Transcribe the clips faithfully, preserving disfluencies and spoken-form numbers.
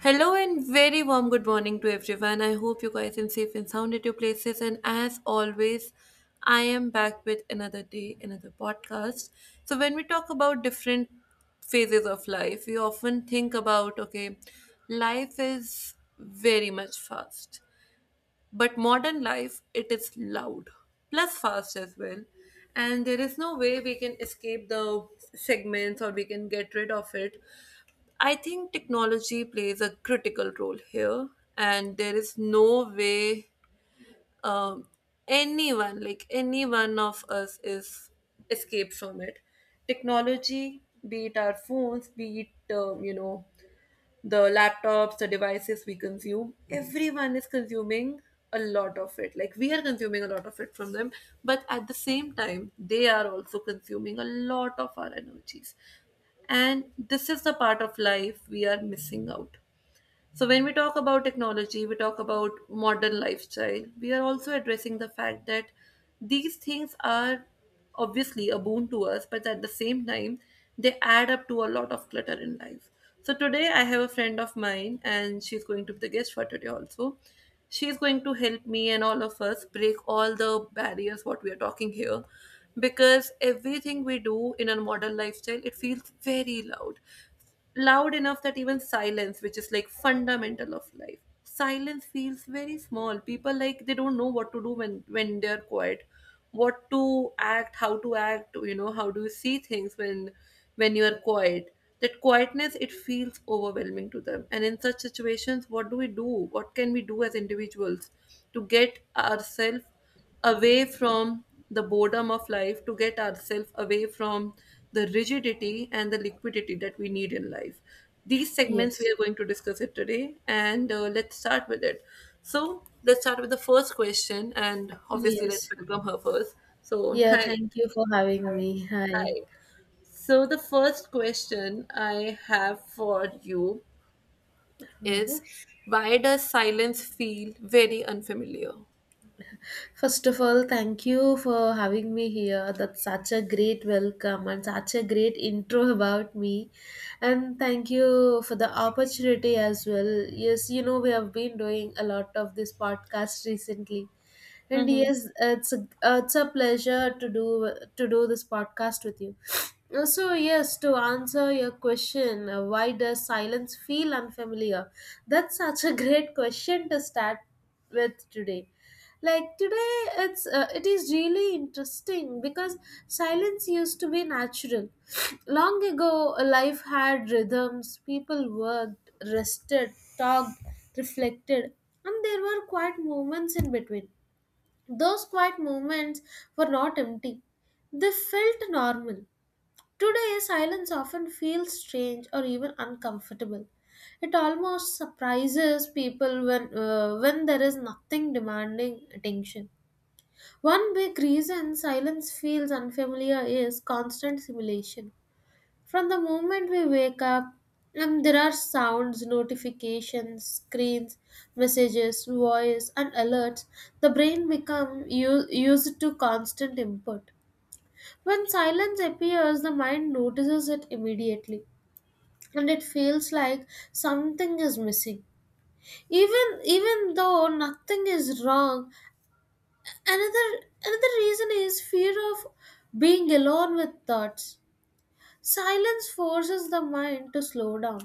Hello and very warm good morning to everyone. I hope you guys are safe and sound at your places. And as always, I am back with another day, another podcast. So, when we talk about different phases of life, we often think about okay, life is very much fast, but modern life it is loud plus fast as well. And there is no way we can escape the segments or we can get rid of it. I think technology plays a critical role here, and there is no way um, anyone, like any one of us, is escaped from it. Technology, be it our phones, be it um, you know the laptops, the devices we consume, everyone is consuming a lot of it, like we are consuming a lot of it from them, but at the same time they are also consuming a lot of our energies, and this is the part of life we are missing out. So, when we talk about technology, we talk about modern lifestyle. We are also addressing the fact that these things are obviously a boon to us, but at the same time, they add up to a lot of clutter in life. So, today I have a friend of mine, and she's going to be the guest for today also. She's going to help me and all of us break all the barriers what we are talking here, because everything we do in a modern lifestyle it feels very loud, loud enough that even silence, which is like fundamental of life, silence feels very small. People like they don't know what to do when when they're quiet, what to act, how to act, you know, how do you see things when when you are quiet. That quietness it feels overwhelming to them, and in such situations what do we do? What can we do as individuals to get ourselves away from the boredom of life, to get ourselves away from the rigidity and the liquidity that we need in life. These segments Yes. we are going to discuss it today, and uh, let's start with it. So, let's start with the first question, and obviously, let's Yes. welcome her first. So, Yeah, hi, thank you for having me. Hi. hi. So, the first question I have for you is, why does silence feel very unfamiliar? First of all, thank you for having me here. That's such a great welcome and such a great intro about me. And thank you for the opportunity as well. Yes, you know, we have been doing a lot of this podcast recently. And Mm-hmm. yes, it's a, it's a pleasure to do to do this podcast with you. So yes, to answer your question, uh, why does silence feel unfamiliar? That's such a great question to start with today, like today it's uh, it is really interesting because silence used to be natural. Long ago, life had rhythms. People worked, rested, talked, reflected, and there were quiet moments in between. Those quiet moments were not empty, they felt normal. Today silence often feels strange or even uncomfortable. It almost surprises people when uh, when there is nothing demanding attention. One big reason silence feels unfamiliar is constant simulation. From the moment we wake up, and there are sounds, notifications, screens, messages, voice, and alerts, the brain becomes used to constant input. When silence appears, the mind notices it immediately, and it feels like something is missing. Even even though nothing is wrong, another another reason is fear of being alone with thoughts. Silence forces the mind to slow down.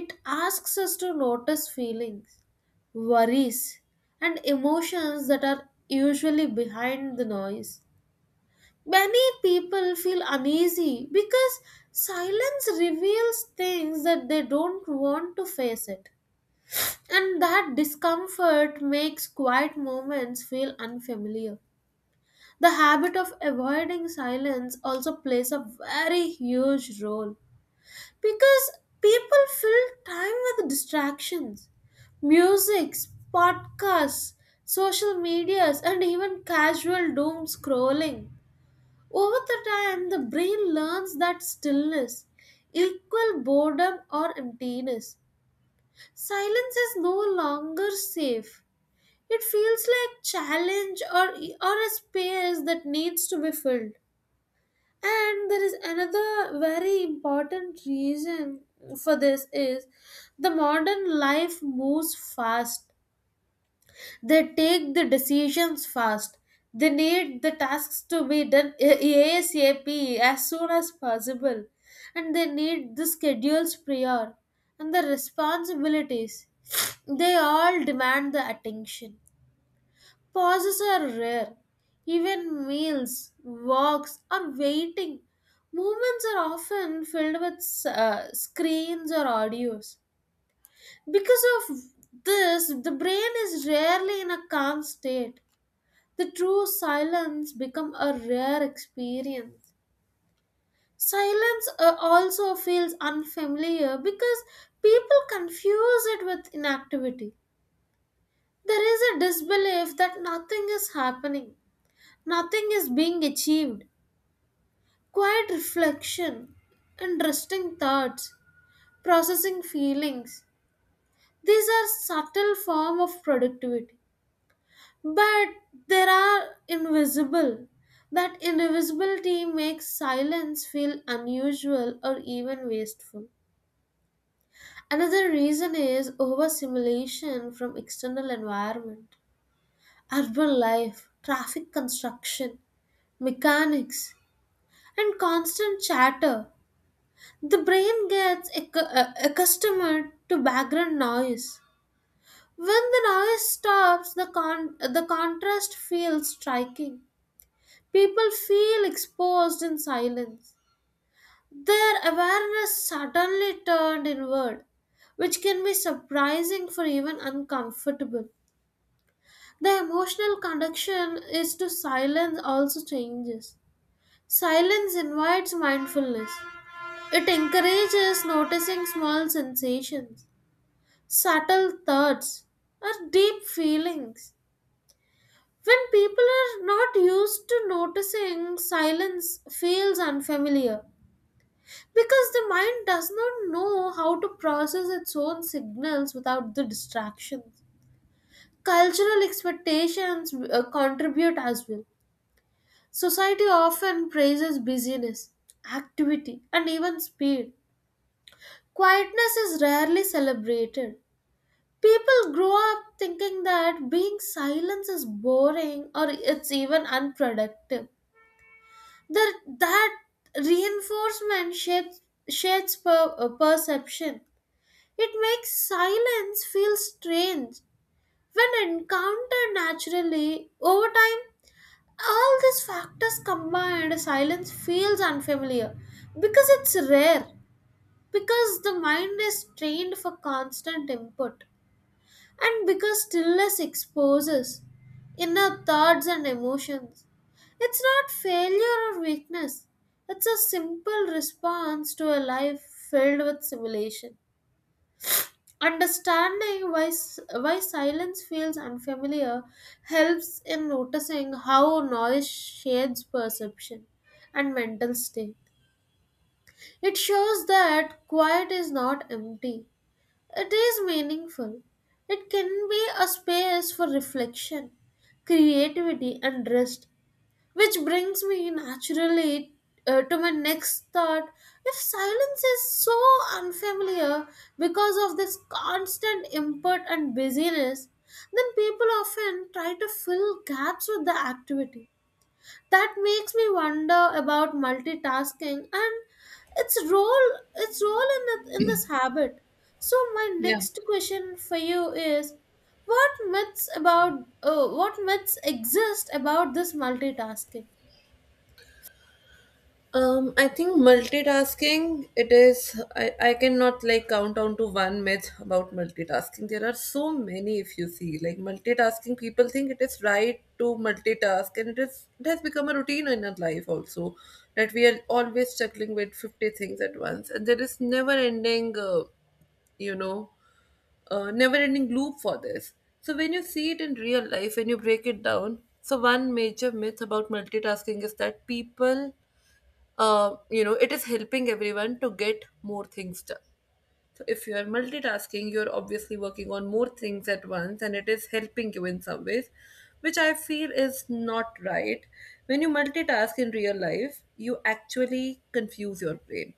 It asks us to notice feelings, worries, and emotions that are usually behind the noise. Many people feel uneasy because silence reveals things that they don't want to face it, and that discomfort makes quiet moments feel unfamiliar. The habit of avoiding silence also plays a very huge role because people fill time with distractions. Music, podcasts, social medias, and even casual doom scrolling. Over the time, the brain learns that stillness equal boredom or emptiness. Silence is no longer safe. It feels like challenge, or, or a space that needs to be filled. And there is another very important reason for this is the modern life moves fast. They take the decisions fast. They need the tasks to be done a- ASAP, as soon as possible. And they need the schedules prior and the responsibilities. They all demand the attention. Pauses are rare. Even meals, walks, or waiting. Movements are often filled with uh, screens or audios. Because of this, the brain is rarely in a calm state. The true silence become a rare experience. Silence uh, also feels unfamiliar because people confuse it with inactivity. There is a disbelief that nothing is happening. Nothing is being achieved. Quiet reflection, and resting thoughts, processing feelings. These are subtle form of productivity. But there are invisible. That invisibility makes silence feel unusual or even wasteful. Another reason is overstimulation from external environment, urban life, traffic construction, mechanics, and constant chatter. The brain gets accu- uh, accustomed to background noise. When the noise stops, the, con- uh, the contrast feels striking. People feel exposed in silence. Their awareness suddenly turned inward, which can be surprising for even uncomfortable. The emotional connection is to silence also changes. Silence invites mindfulness. It encourages noticing small sensations, subtle thoughts, or deep feelings. When people are not used to noticing, silence feels unfamiliar because the mind does not know how to process its own signals without the distractions. Cultural expectations uh, contribute as well. Society often praises busyness, activity, and even speed. Quietness is rarely celebrated. People grow up thinking that being silent is boring or it's even unproductive. That, that reinforcement shapes, shapes per, uh, perception. It makes silence feel strange. When encountered naturally, over time, all these factors combined, silence feels unfamiliar because it's rare, because the mind is trained for constant input. And because stillness exposes inner thoughts and emotions, it's not failure or weakness. It's a simple response to a life filled with simulation. Understanding why, s- why silence feels unfamiliar helps in noticing how noise shades perception and mental state. It shows that quiet is not empty, it is meaningful. It can be a space for reflection, creativity, and rest, which brings me naturally uh, to my next thought. If silence is so unfamiliar because of this constant input and busyness, then people often try to fill gaps with the activity that makes me wonder about multitasking and its role its role in the, in this habit. So my Yeah. next question for you is what myths about uh, what myths exist about this multitasking? Um, I think multitasking, it is, I, I cannot like count down to one myth about multitasking. There are so many, if you see, like multitasking, people think it is right to multitask, and it, is, it has become a routine in our life also that we are always struggling with fifty things at once, and there is never ending, uh, you know, uh, never ending loop for this. So when you see it in real life, when you break it down, so one major myth about multitasking is that people, uh, you know it is helping everyone to get more things done. So if you are multitasking, you're obviously working on more things at once and it is helping you in some ways, which I feel is not right. When you multitask in real life, you actually confuse your brain.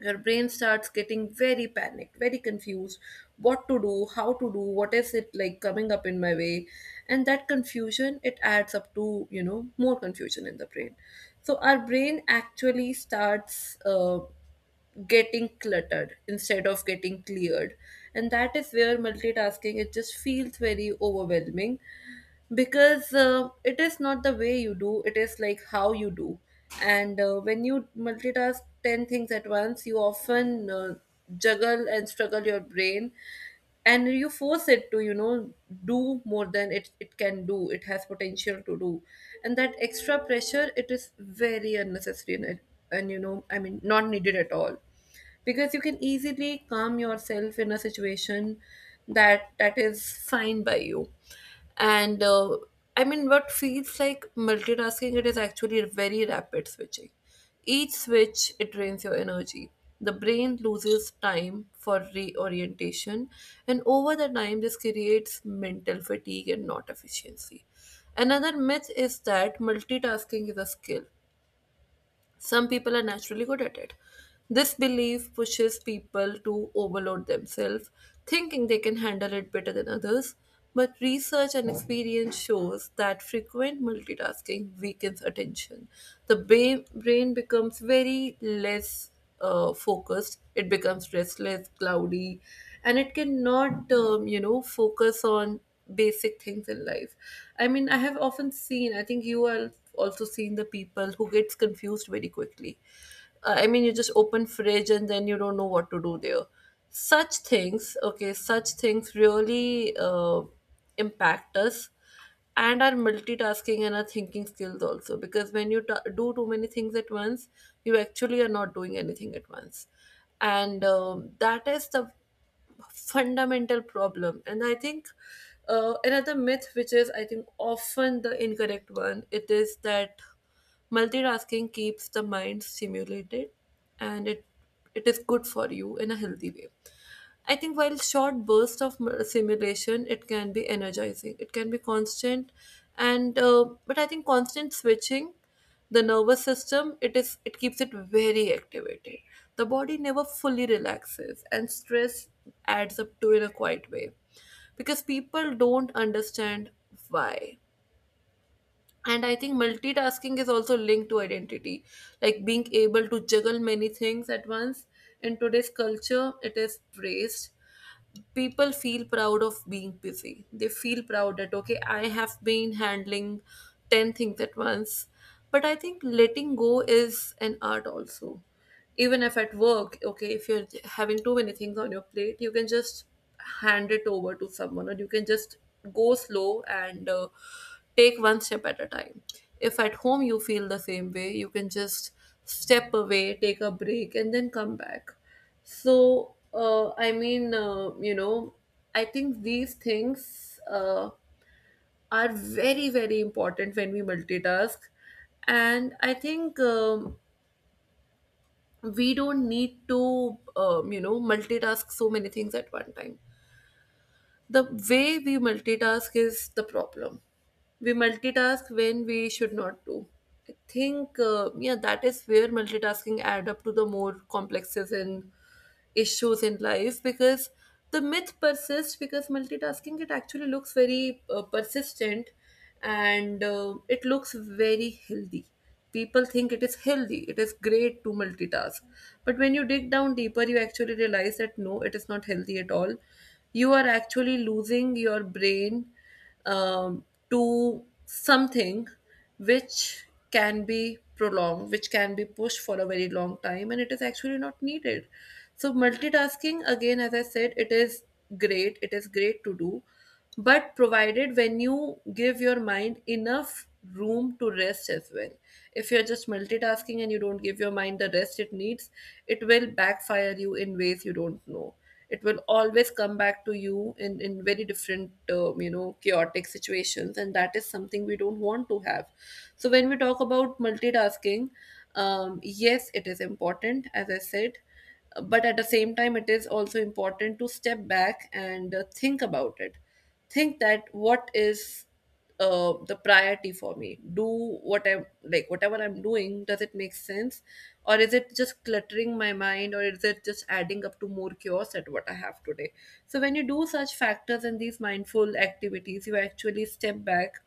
Your brain starts getting very panicked, very confused, what to do, how to do, what is it like coming up in my way, and that confusion it adds up to, you know, more confusion in the brain. So our brain actually starts uh, getting cluttered instead of getting cleared, and that is where multitasking it just feels very overwhelming, because uh, it is not the way you do, it is like how you do. And uh, when you multitask ten things at once, you often uh, juggle and struggle your brain, and you force it to, you know, do more than it, it can do, it has potential to do. And that extra pressure it is very unnecessary, and, and you know, I mean, not needed at all, because you can easily calm yourself in a situation that that is fine by you. And uh, I mean what feels like multitasking it is actually very rapid switching. Each switch it drains your energy, the brain loses time for reorientation, and over the time this creates mental fatigue and not efficiency. Another myth is that multitasking is a skill, some people are naturally good at it. This belief pushes people to overload themselves, thinking they can handle it better than others. But research and experience shows that frequent multitasking weakens attention. The ba- brain becomes very less uh, focused. It becomes restless, cloudy, and it cannot, um, you know, focus on basic things in life. I mean, I have often seen, I think you are also seeing the people who gets confused very quickly. Uh, I mean, you just open fridge and then you don't know what to do there. Such things, okay, such things really uh, impact us and our multitasking and our thinking skills also, because when you ta do too many things at once, you actually are not doing anything at once. And um, that is the fundamental problem. And I think uh, another myth, which is I think often the incorrect one, it is that multitasking keeps the mind stimulated and it it is good for you in a healthy way. I think while short bursts of m- simulation, it can be energizing. It can be constant, and uh, but I think constant switching, the nervous system, it is, it keeps it very activated. The body never fully relaxes, and stress adds up to in a quiet way, because people don't understand why. And I think multitasking is also linked to identity, like being able to juggle many things at once. In today's culture, it is praised, people feel proud of being busy. They feel proud that, okay, I have been handling ten things at once. But I think letting go is an art also. Even if at work, okay, if you're having too many things on your plate, you can just hand it over to someone, or you can just go slow and uh, take one step at a time. If at home you feel the same way, you can just step away, take a break and then come back. So uh, i mean uh, you know I think these things uh, are very very important when we multitask. And I think um, we don't need to, um, you know multitask so many things at one time. The way we multitask is the problem, we multitask when we should not do. I think uh, yeah, that is where multitasking add up to the more complexes in issues in life, because the myth persists because multitasking it actually looks very uh, persistent, and uh, it looks very healthy. People think it is healthy, it is great to multitask, but when you dig down deeper you actually realize that no, it is not healthy at all. You are actually losing your brain um, to something which can be prolonged, which can be pushed for a very long time, and it is actually not needed. So, multitasking, again, as I said, it is great, it is great to do, but provided when you give your mind enough room to rest as well. If you're just multitasking and you don't give your mind the rest it needs, it will backfire you in ways you don't know. It will always come back to you in, in very different uh, you know chaotic situations, and that is something we don't want to have. So when we talk about multitasking, um, yes, it is important, as I said, but at the same time it is also important to step back and uh, think about it. Think that what is uh, the priority for me do, what I'm like, whatever I'm doing, does it make sense, or is it just cluttering my mind, or is it just adding up to more chaos at what I have today. So when you do such factors and these mindful activities, you actually step back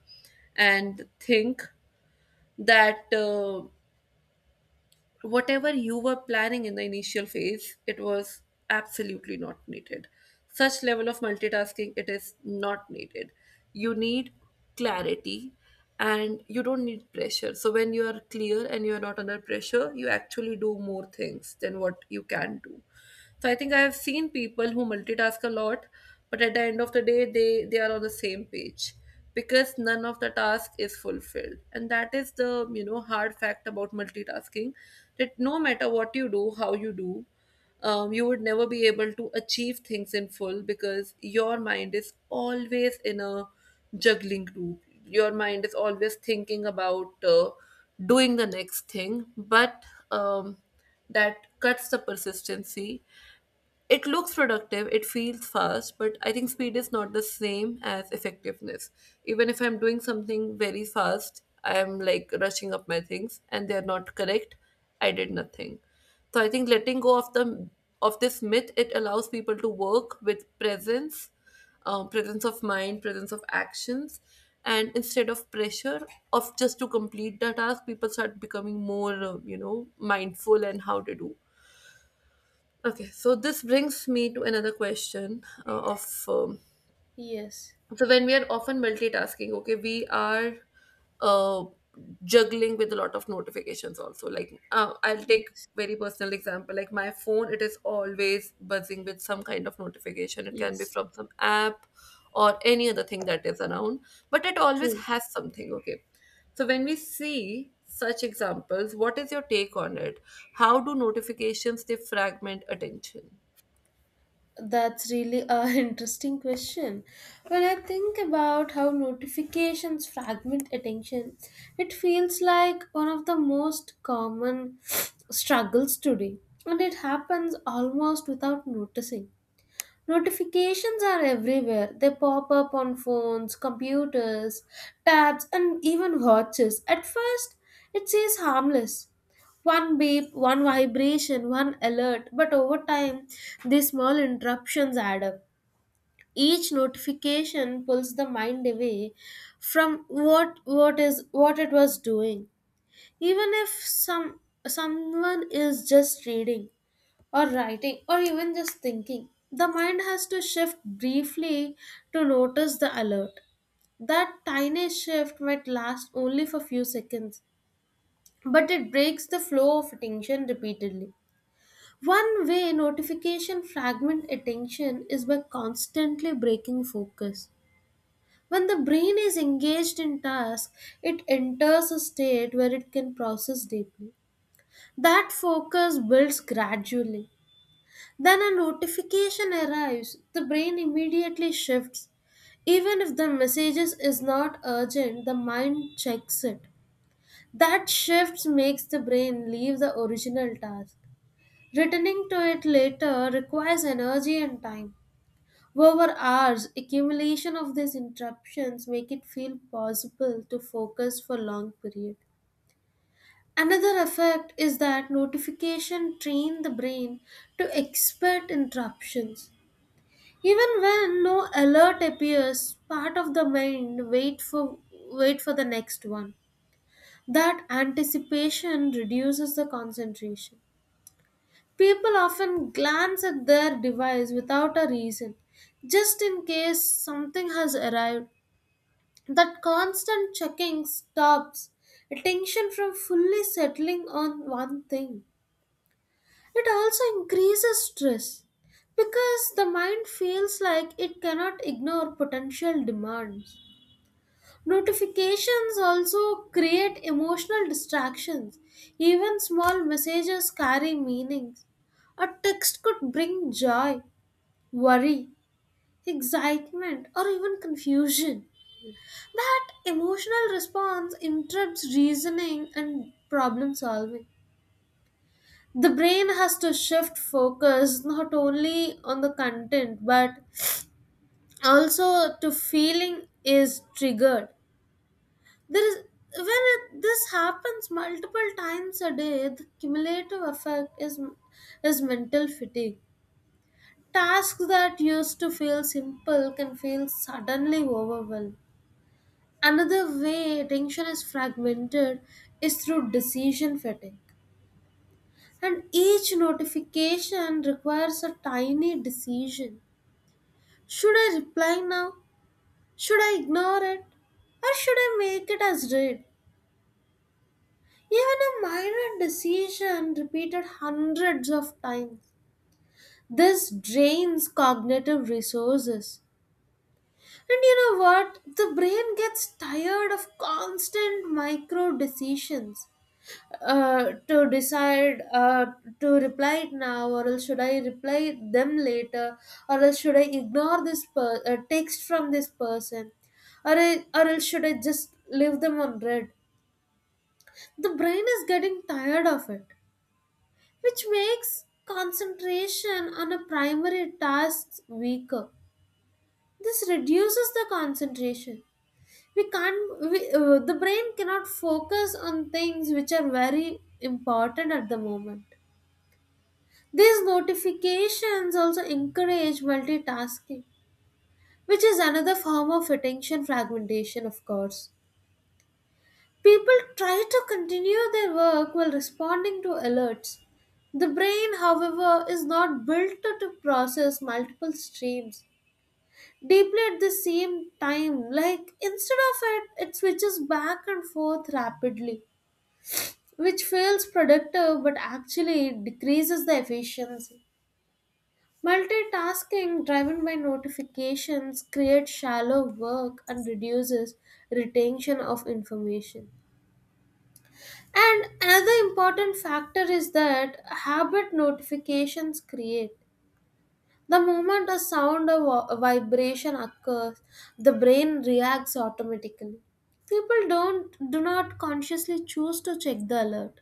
and think that uh, whatever you were planning in the initial phase, it was absolutely not needed. Such level of multitasking, it is not needed. You need clarity and you don't need pressure. So when you are clear and you are not under pressure, you actually do more things than what you can do. So I think I have seen people who multitask a lot, but at the end of the day, they they are on the same page because none of the task is fulfilled, and that is the, you know, hard fact about multitasking, that no matter what you do, how you do, um, you would never be able to achieve things in full because your mind is always in a juggling loop. Your mind is always thinking about uh, doing the next thing, but um, that cuts the persistency. It looks productive, it feels fast, but I think speed is not the same as effectiveness. Even if I'm doing something very fast, I'm like rushing up my things and they're not correct, I did nothing. So I think letting go of the of this myth, it allows people to work with presence, uh, presence of mind, presence of actions, and instead of pressure of just to complete the task, people start becoming more uh, you know mindful and how to do. Okay, so this brings me to another question uh, of, um, Yes. so when we are often multitasking, okay, we are uh, juggling with a lot of notifications also. Like, uh, I'll take Yes. very personal example, like my phone, it is always buzzing with some kind of notification. It can be Yes. from some app or any other thing that is around, but it always True. has something. Okay, so when we see such examples, what is your take on it? How do notifications they fragment attention? That's really a interesting question. When I think about how notifications fragment attention, it feels like one of the most common struggles today, and it happens almost without noticing. Notifications are everywhere. They pop up on phones, computers, tabs, and even watches. At first, it seems harmless. One beep, one vibration, one alert. But over time, these small interruptions add up. Each notification pulls the mind away from what what is what it was doing. Even if some someone is just reading, or writing, or even just thinking. The mind has to shift briefly to notice the alert. That tiny shift might last only for few seconds, but it breaks the flow of attention repeatedly. One way notification fragment attention is by constantly breaking focus. When the brain is engaged in task, it enters a state where it can process deeply. That focus builds gradually. Then a notification arrives, the brain immediately shifts. Even if the message is not urgent, the mind checks it. That shift makes the brain leave the original task. Returning to it later requires energy and time. Over hours, accumulation of these interruptions make it feel possible to focus for long period. Another effect is that notification train the brain to expect interruptions. Even when no alert appears, part of the mind wait for wait for the next one. That anticipation reduces the concentration. People often glance at their device without a reason, just in case something has arrived. That constant checking stops attention from fully settling on one thing. It also increases stress because the mind feels like it cannot ignore potential demands. Notifications also create emotional distractions. Even small messages carry meanings. A text could bring joy, worry, excitement, or even confusion. That emotional response interrupts reasoning and problem solving. The brain has to shift focus not only on the content but also to feeling is triggered. There is when it, this happens multiple times a day, the cumulative effect is is mental fatigue. Tasks that used to feel simple can feel suddenly overwhelmed. Another way attention is fragmented is through decision fatigue, and each notification requires a tiny decision. Should I reply now? Should I ignore it? Or should I make it as read? Even a minor decision repeated hundreds of times. This drains cognitive resources. And you know what? The brain gets tired of constant micro decisions. Uh, to decide uh, to reply it now, or else should I reply them later, or else should I ignore this per- uh, text from this person, or, I, or else should I just leave them on read. The brain is getting tired of it, which makes concentration on a primary task weaker. This reduces the concentration. We can't we, uh, the brain cannot focus on things which are very important at the moment. These notifications also encourage multitasking, which is another form of attention fragmentation, of course. People try to continue their work while responding to alerts. The brain, however, is not built to to process multiple streams deeply at the same time. Like, instead of it, it switches back and forth rapidly, which feels productive but actually decreases the efficiency. Multitasking driven by notifications creates shallow work and reduces retention of information. And another important factor is that habit notifications create. The moment a sound or wa- a vibration occurs, the brain reacts automatically. People don't do not consciously choose to check the alert,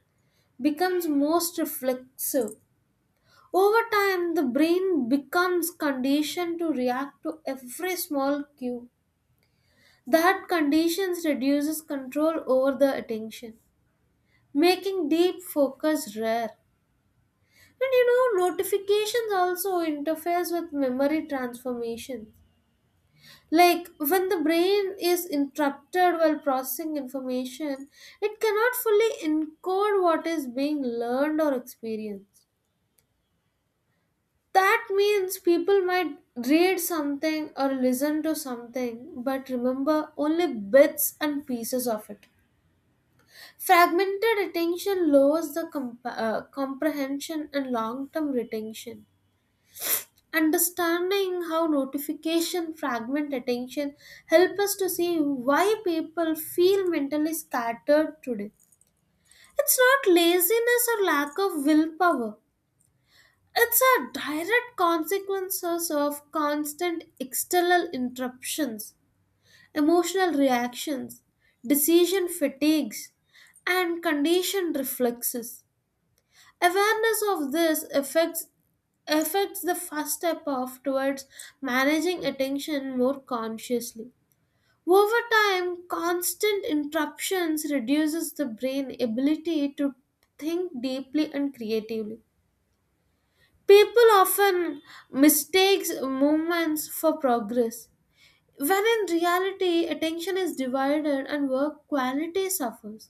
becomes most reflexive. Over time, the brain becomes conditioned to react to every small cue. That conditions reduces control over the attention, making deep focus rare. And you know, notifications also interferes with memory transformation. Like when the brain is interrupted while processing information, it cannot fully encode what is being learned or experienced. That means people might read something or listen to something but remember only bits and pieces of it. Fragmented attention lowers the comp- uh, comprehension and long term retention. Understanding how notification fragment attention help us to see why people feel mentally scattered today. It's not laziness or lack of willpower. It's a direct consequences of constant external interruptions, emotional reactions, decision fatigues, and conditioned reflexes. Awareness of this affects affects the first step of towards managing attention more consciously. Over time, constant interruptions reduces the brain ability to think deeply and creatively. People often mistakes movements for progress, when in reality attention is divided and work quality suffers.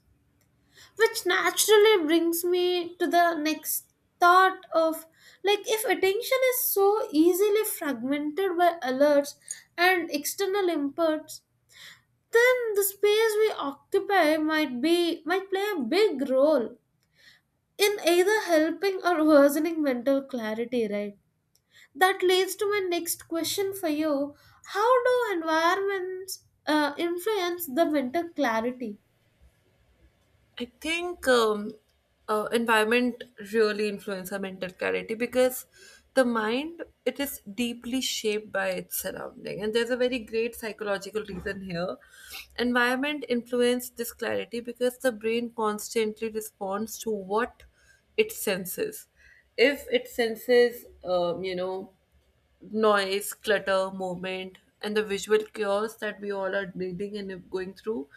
Which naturally brings me to the next thought of, like, if attention is so easily fragmented by alerts and external inputs, then the space we occupy might be might play a big role in either helping or worsening mental clarity, right? That leads to my next question for you. How do environments uh, influence the winter clarity? I think um, uh, environment really influence our mental clarity because the mind it is deeply shaped by its surrounding, and there's a very great psychological reason here. Environment influence this clarity because the brain constantly responds to what it senses. If it senses, um, you know, noise, clutter, movement, and the visual chaos that we all are needing and going through,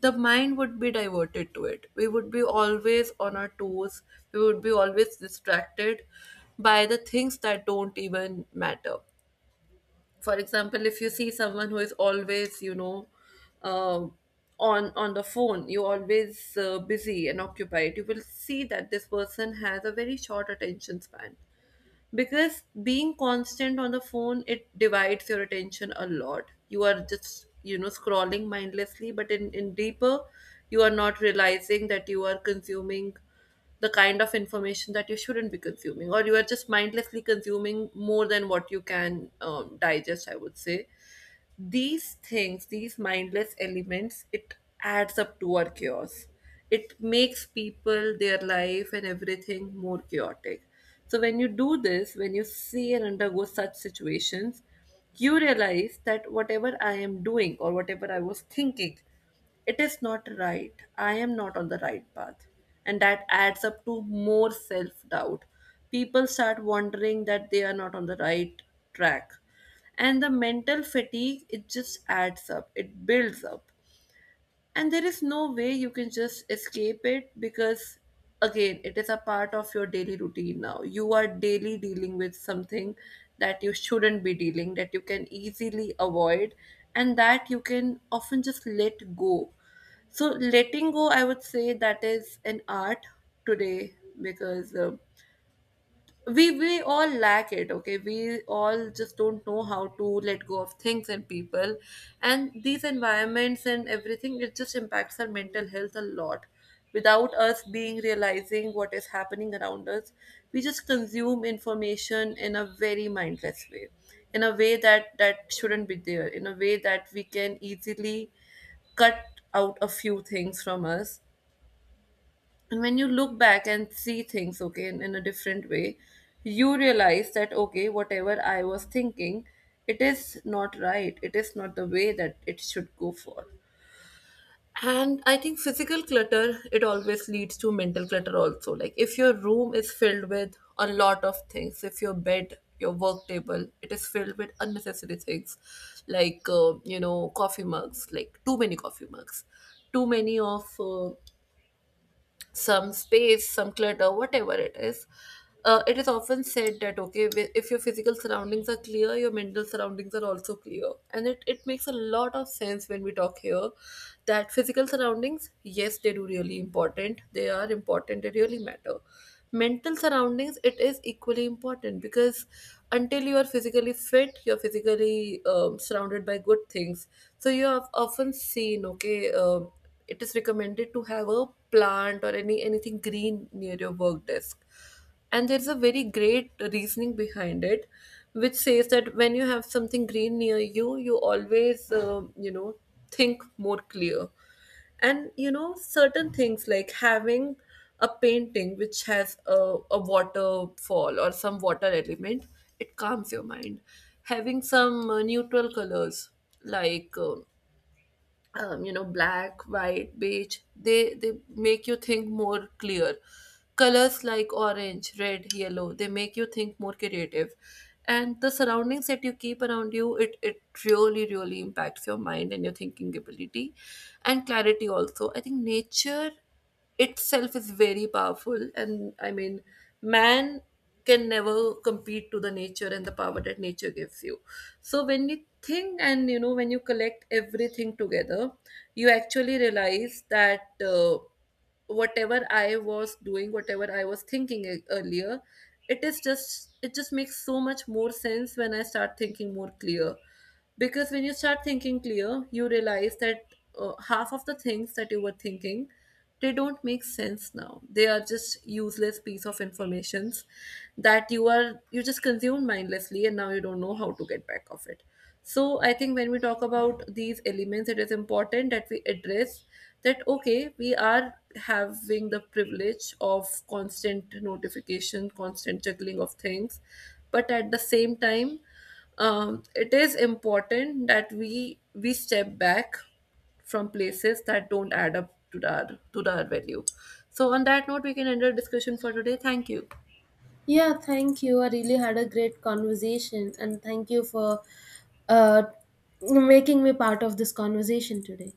the mind would be diverted to it. We would be always on our toes. We would be always distracted by the things that don't even matter. For example, if you see someone who is always, you know, uh, on on the phone, you always uh, busy and occupied. You will see that this person has a very short attention span because being constant on the phone, it divides your attention a lot. You are just you know scrolling mindlessly, but in, in deeper, you are not realizing that you are consuming the kind of information that you shouldn't be consuming, or you are just mindlessly consuming more than what you can um, digest, I would say. These things, these mindless elements, it adds up to our chaos. It makes people, their life, and everything more chaotic. So, when you do this, when you see and undergo such situations, you realize that whatever I am doing or whatever I was thinking, it is not right. I am not on the right path. And that adds up to more self doubt. People start wondering that they are not on the right track. And the mental fatigue, it just adds up, it builds up. And there is no way you can just escape it because, again, it is a part of your daily routine now. You are daily dealing with something that you shouldn't be dealing, that you can easily avoid, and that you can often just let go. So letting go, I would say, that is an art today, because uh, we we all lack it. Okay, we all just don't know how to let go of things and people, and these environments and everything, it just impacts our mental health a lot without us being realizing what is happening around us. We just consume information in a very mindless way, in a way that that shouldn't be there, in a way that we can easily cut out a few things from us. And when you look back and see things, okay, in, in a different way, you realize that, okay, whatever I was thinking, it is not right, it is not the way that it should go for. And I think physical clutter, it always leads to mental clutter also. Like, if your room is filled with a lot of things, if your bed, your work table, it is filled with unnecessary things like, uh, you know coffee mugs, like too many coffee mugs, too many of uh, some space, some clutter, whatever it is. Uh, it is often said that, okay, wi- if your physical surroundings are clear, your mental surroundings are also clear, and it it makes a lot of sense when we talk here, that physical surroundings, yes, they do really important. They are important. They really matter. Mental surroundings, it is equally important because until you are physically fit, you're physically um, surrounded by good things. So you have often seen, okay. Um it is recommended to have a plant or any anything green near your work desk, and there's a very great reasoning behind it, which says that when you have something green near you, you always uh, you know think more clear. And you know certain things like having a painting which has a, a waterfall or some water element, it calms your mind. Having some uh, neutral colors, like, uh, um, you know black, white, beige, they they make you think more clear. Colors like orange, red, yellow, they make you think more creative. And the surroundings that you keep around you, it it really really impacts your mind and your thinking ability and clarity also. I think nature itself is very powerful, and I mean man can never compete to the nature and the power that nature gives you. So when you think, and you know when you collect everything together, you actually realize that uh, whatever I was doing, whatever I was thinking e- earlier, it is just it just makes so much more sense when I start thinking more clear. Because when you start thinking clear, you realize that uh, half of the things that you were thinking, they don't make sense now, they are just useless piece of informations that you are you just consume mindlessly and now you don't know how to get back of it. So I think when we talk about these elements, it is important that we address that, okay, we are having the privilege of constant notification, constant juggling of things, but at the same time, um, it is important that we we step back from places that don't add up to our to our value. So on that note, we can end our discussion for today. Thank you. Yeah, thank you. I really had a great conversation, and thank you for uh, making me part of this conversation today.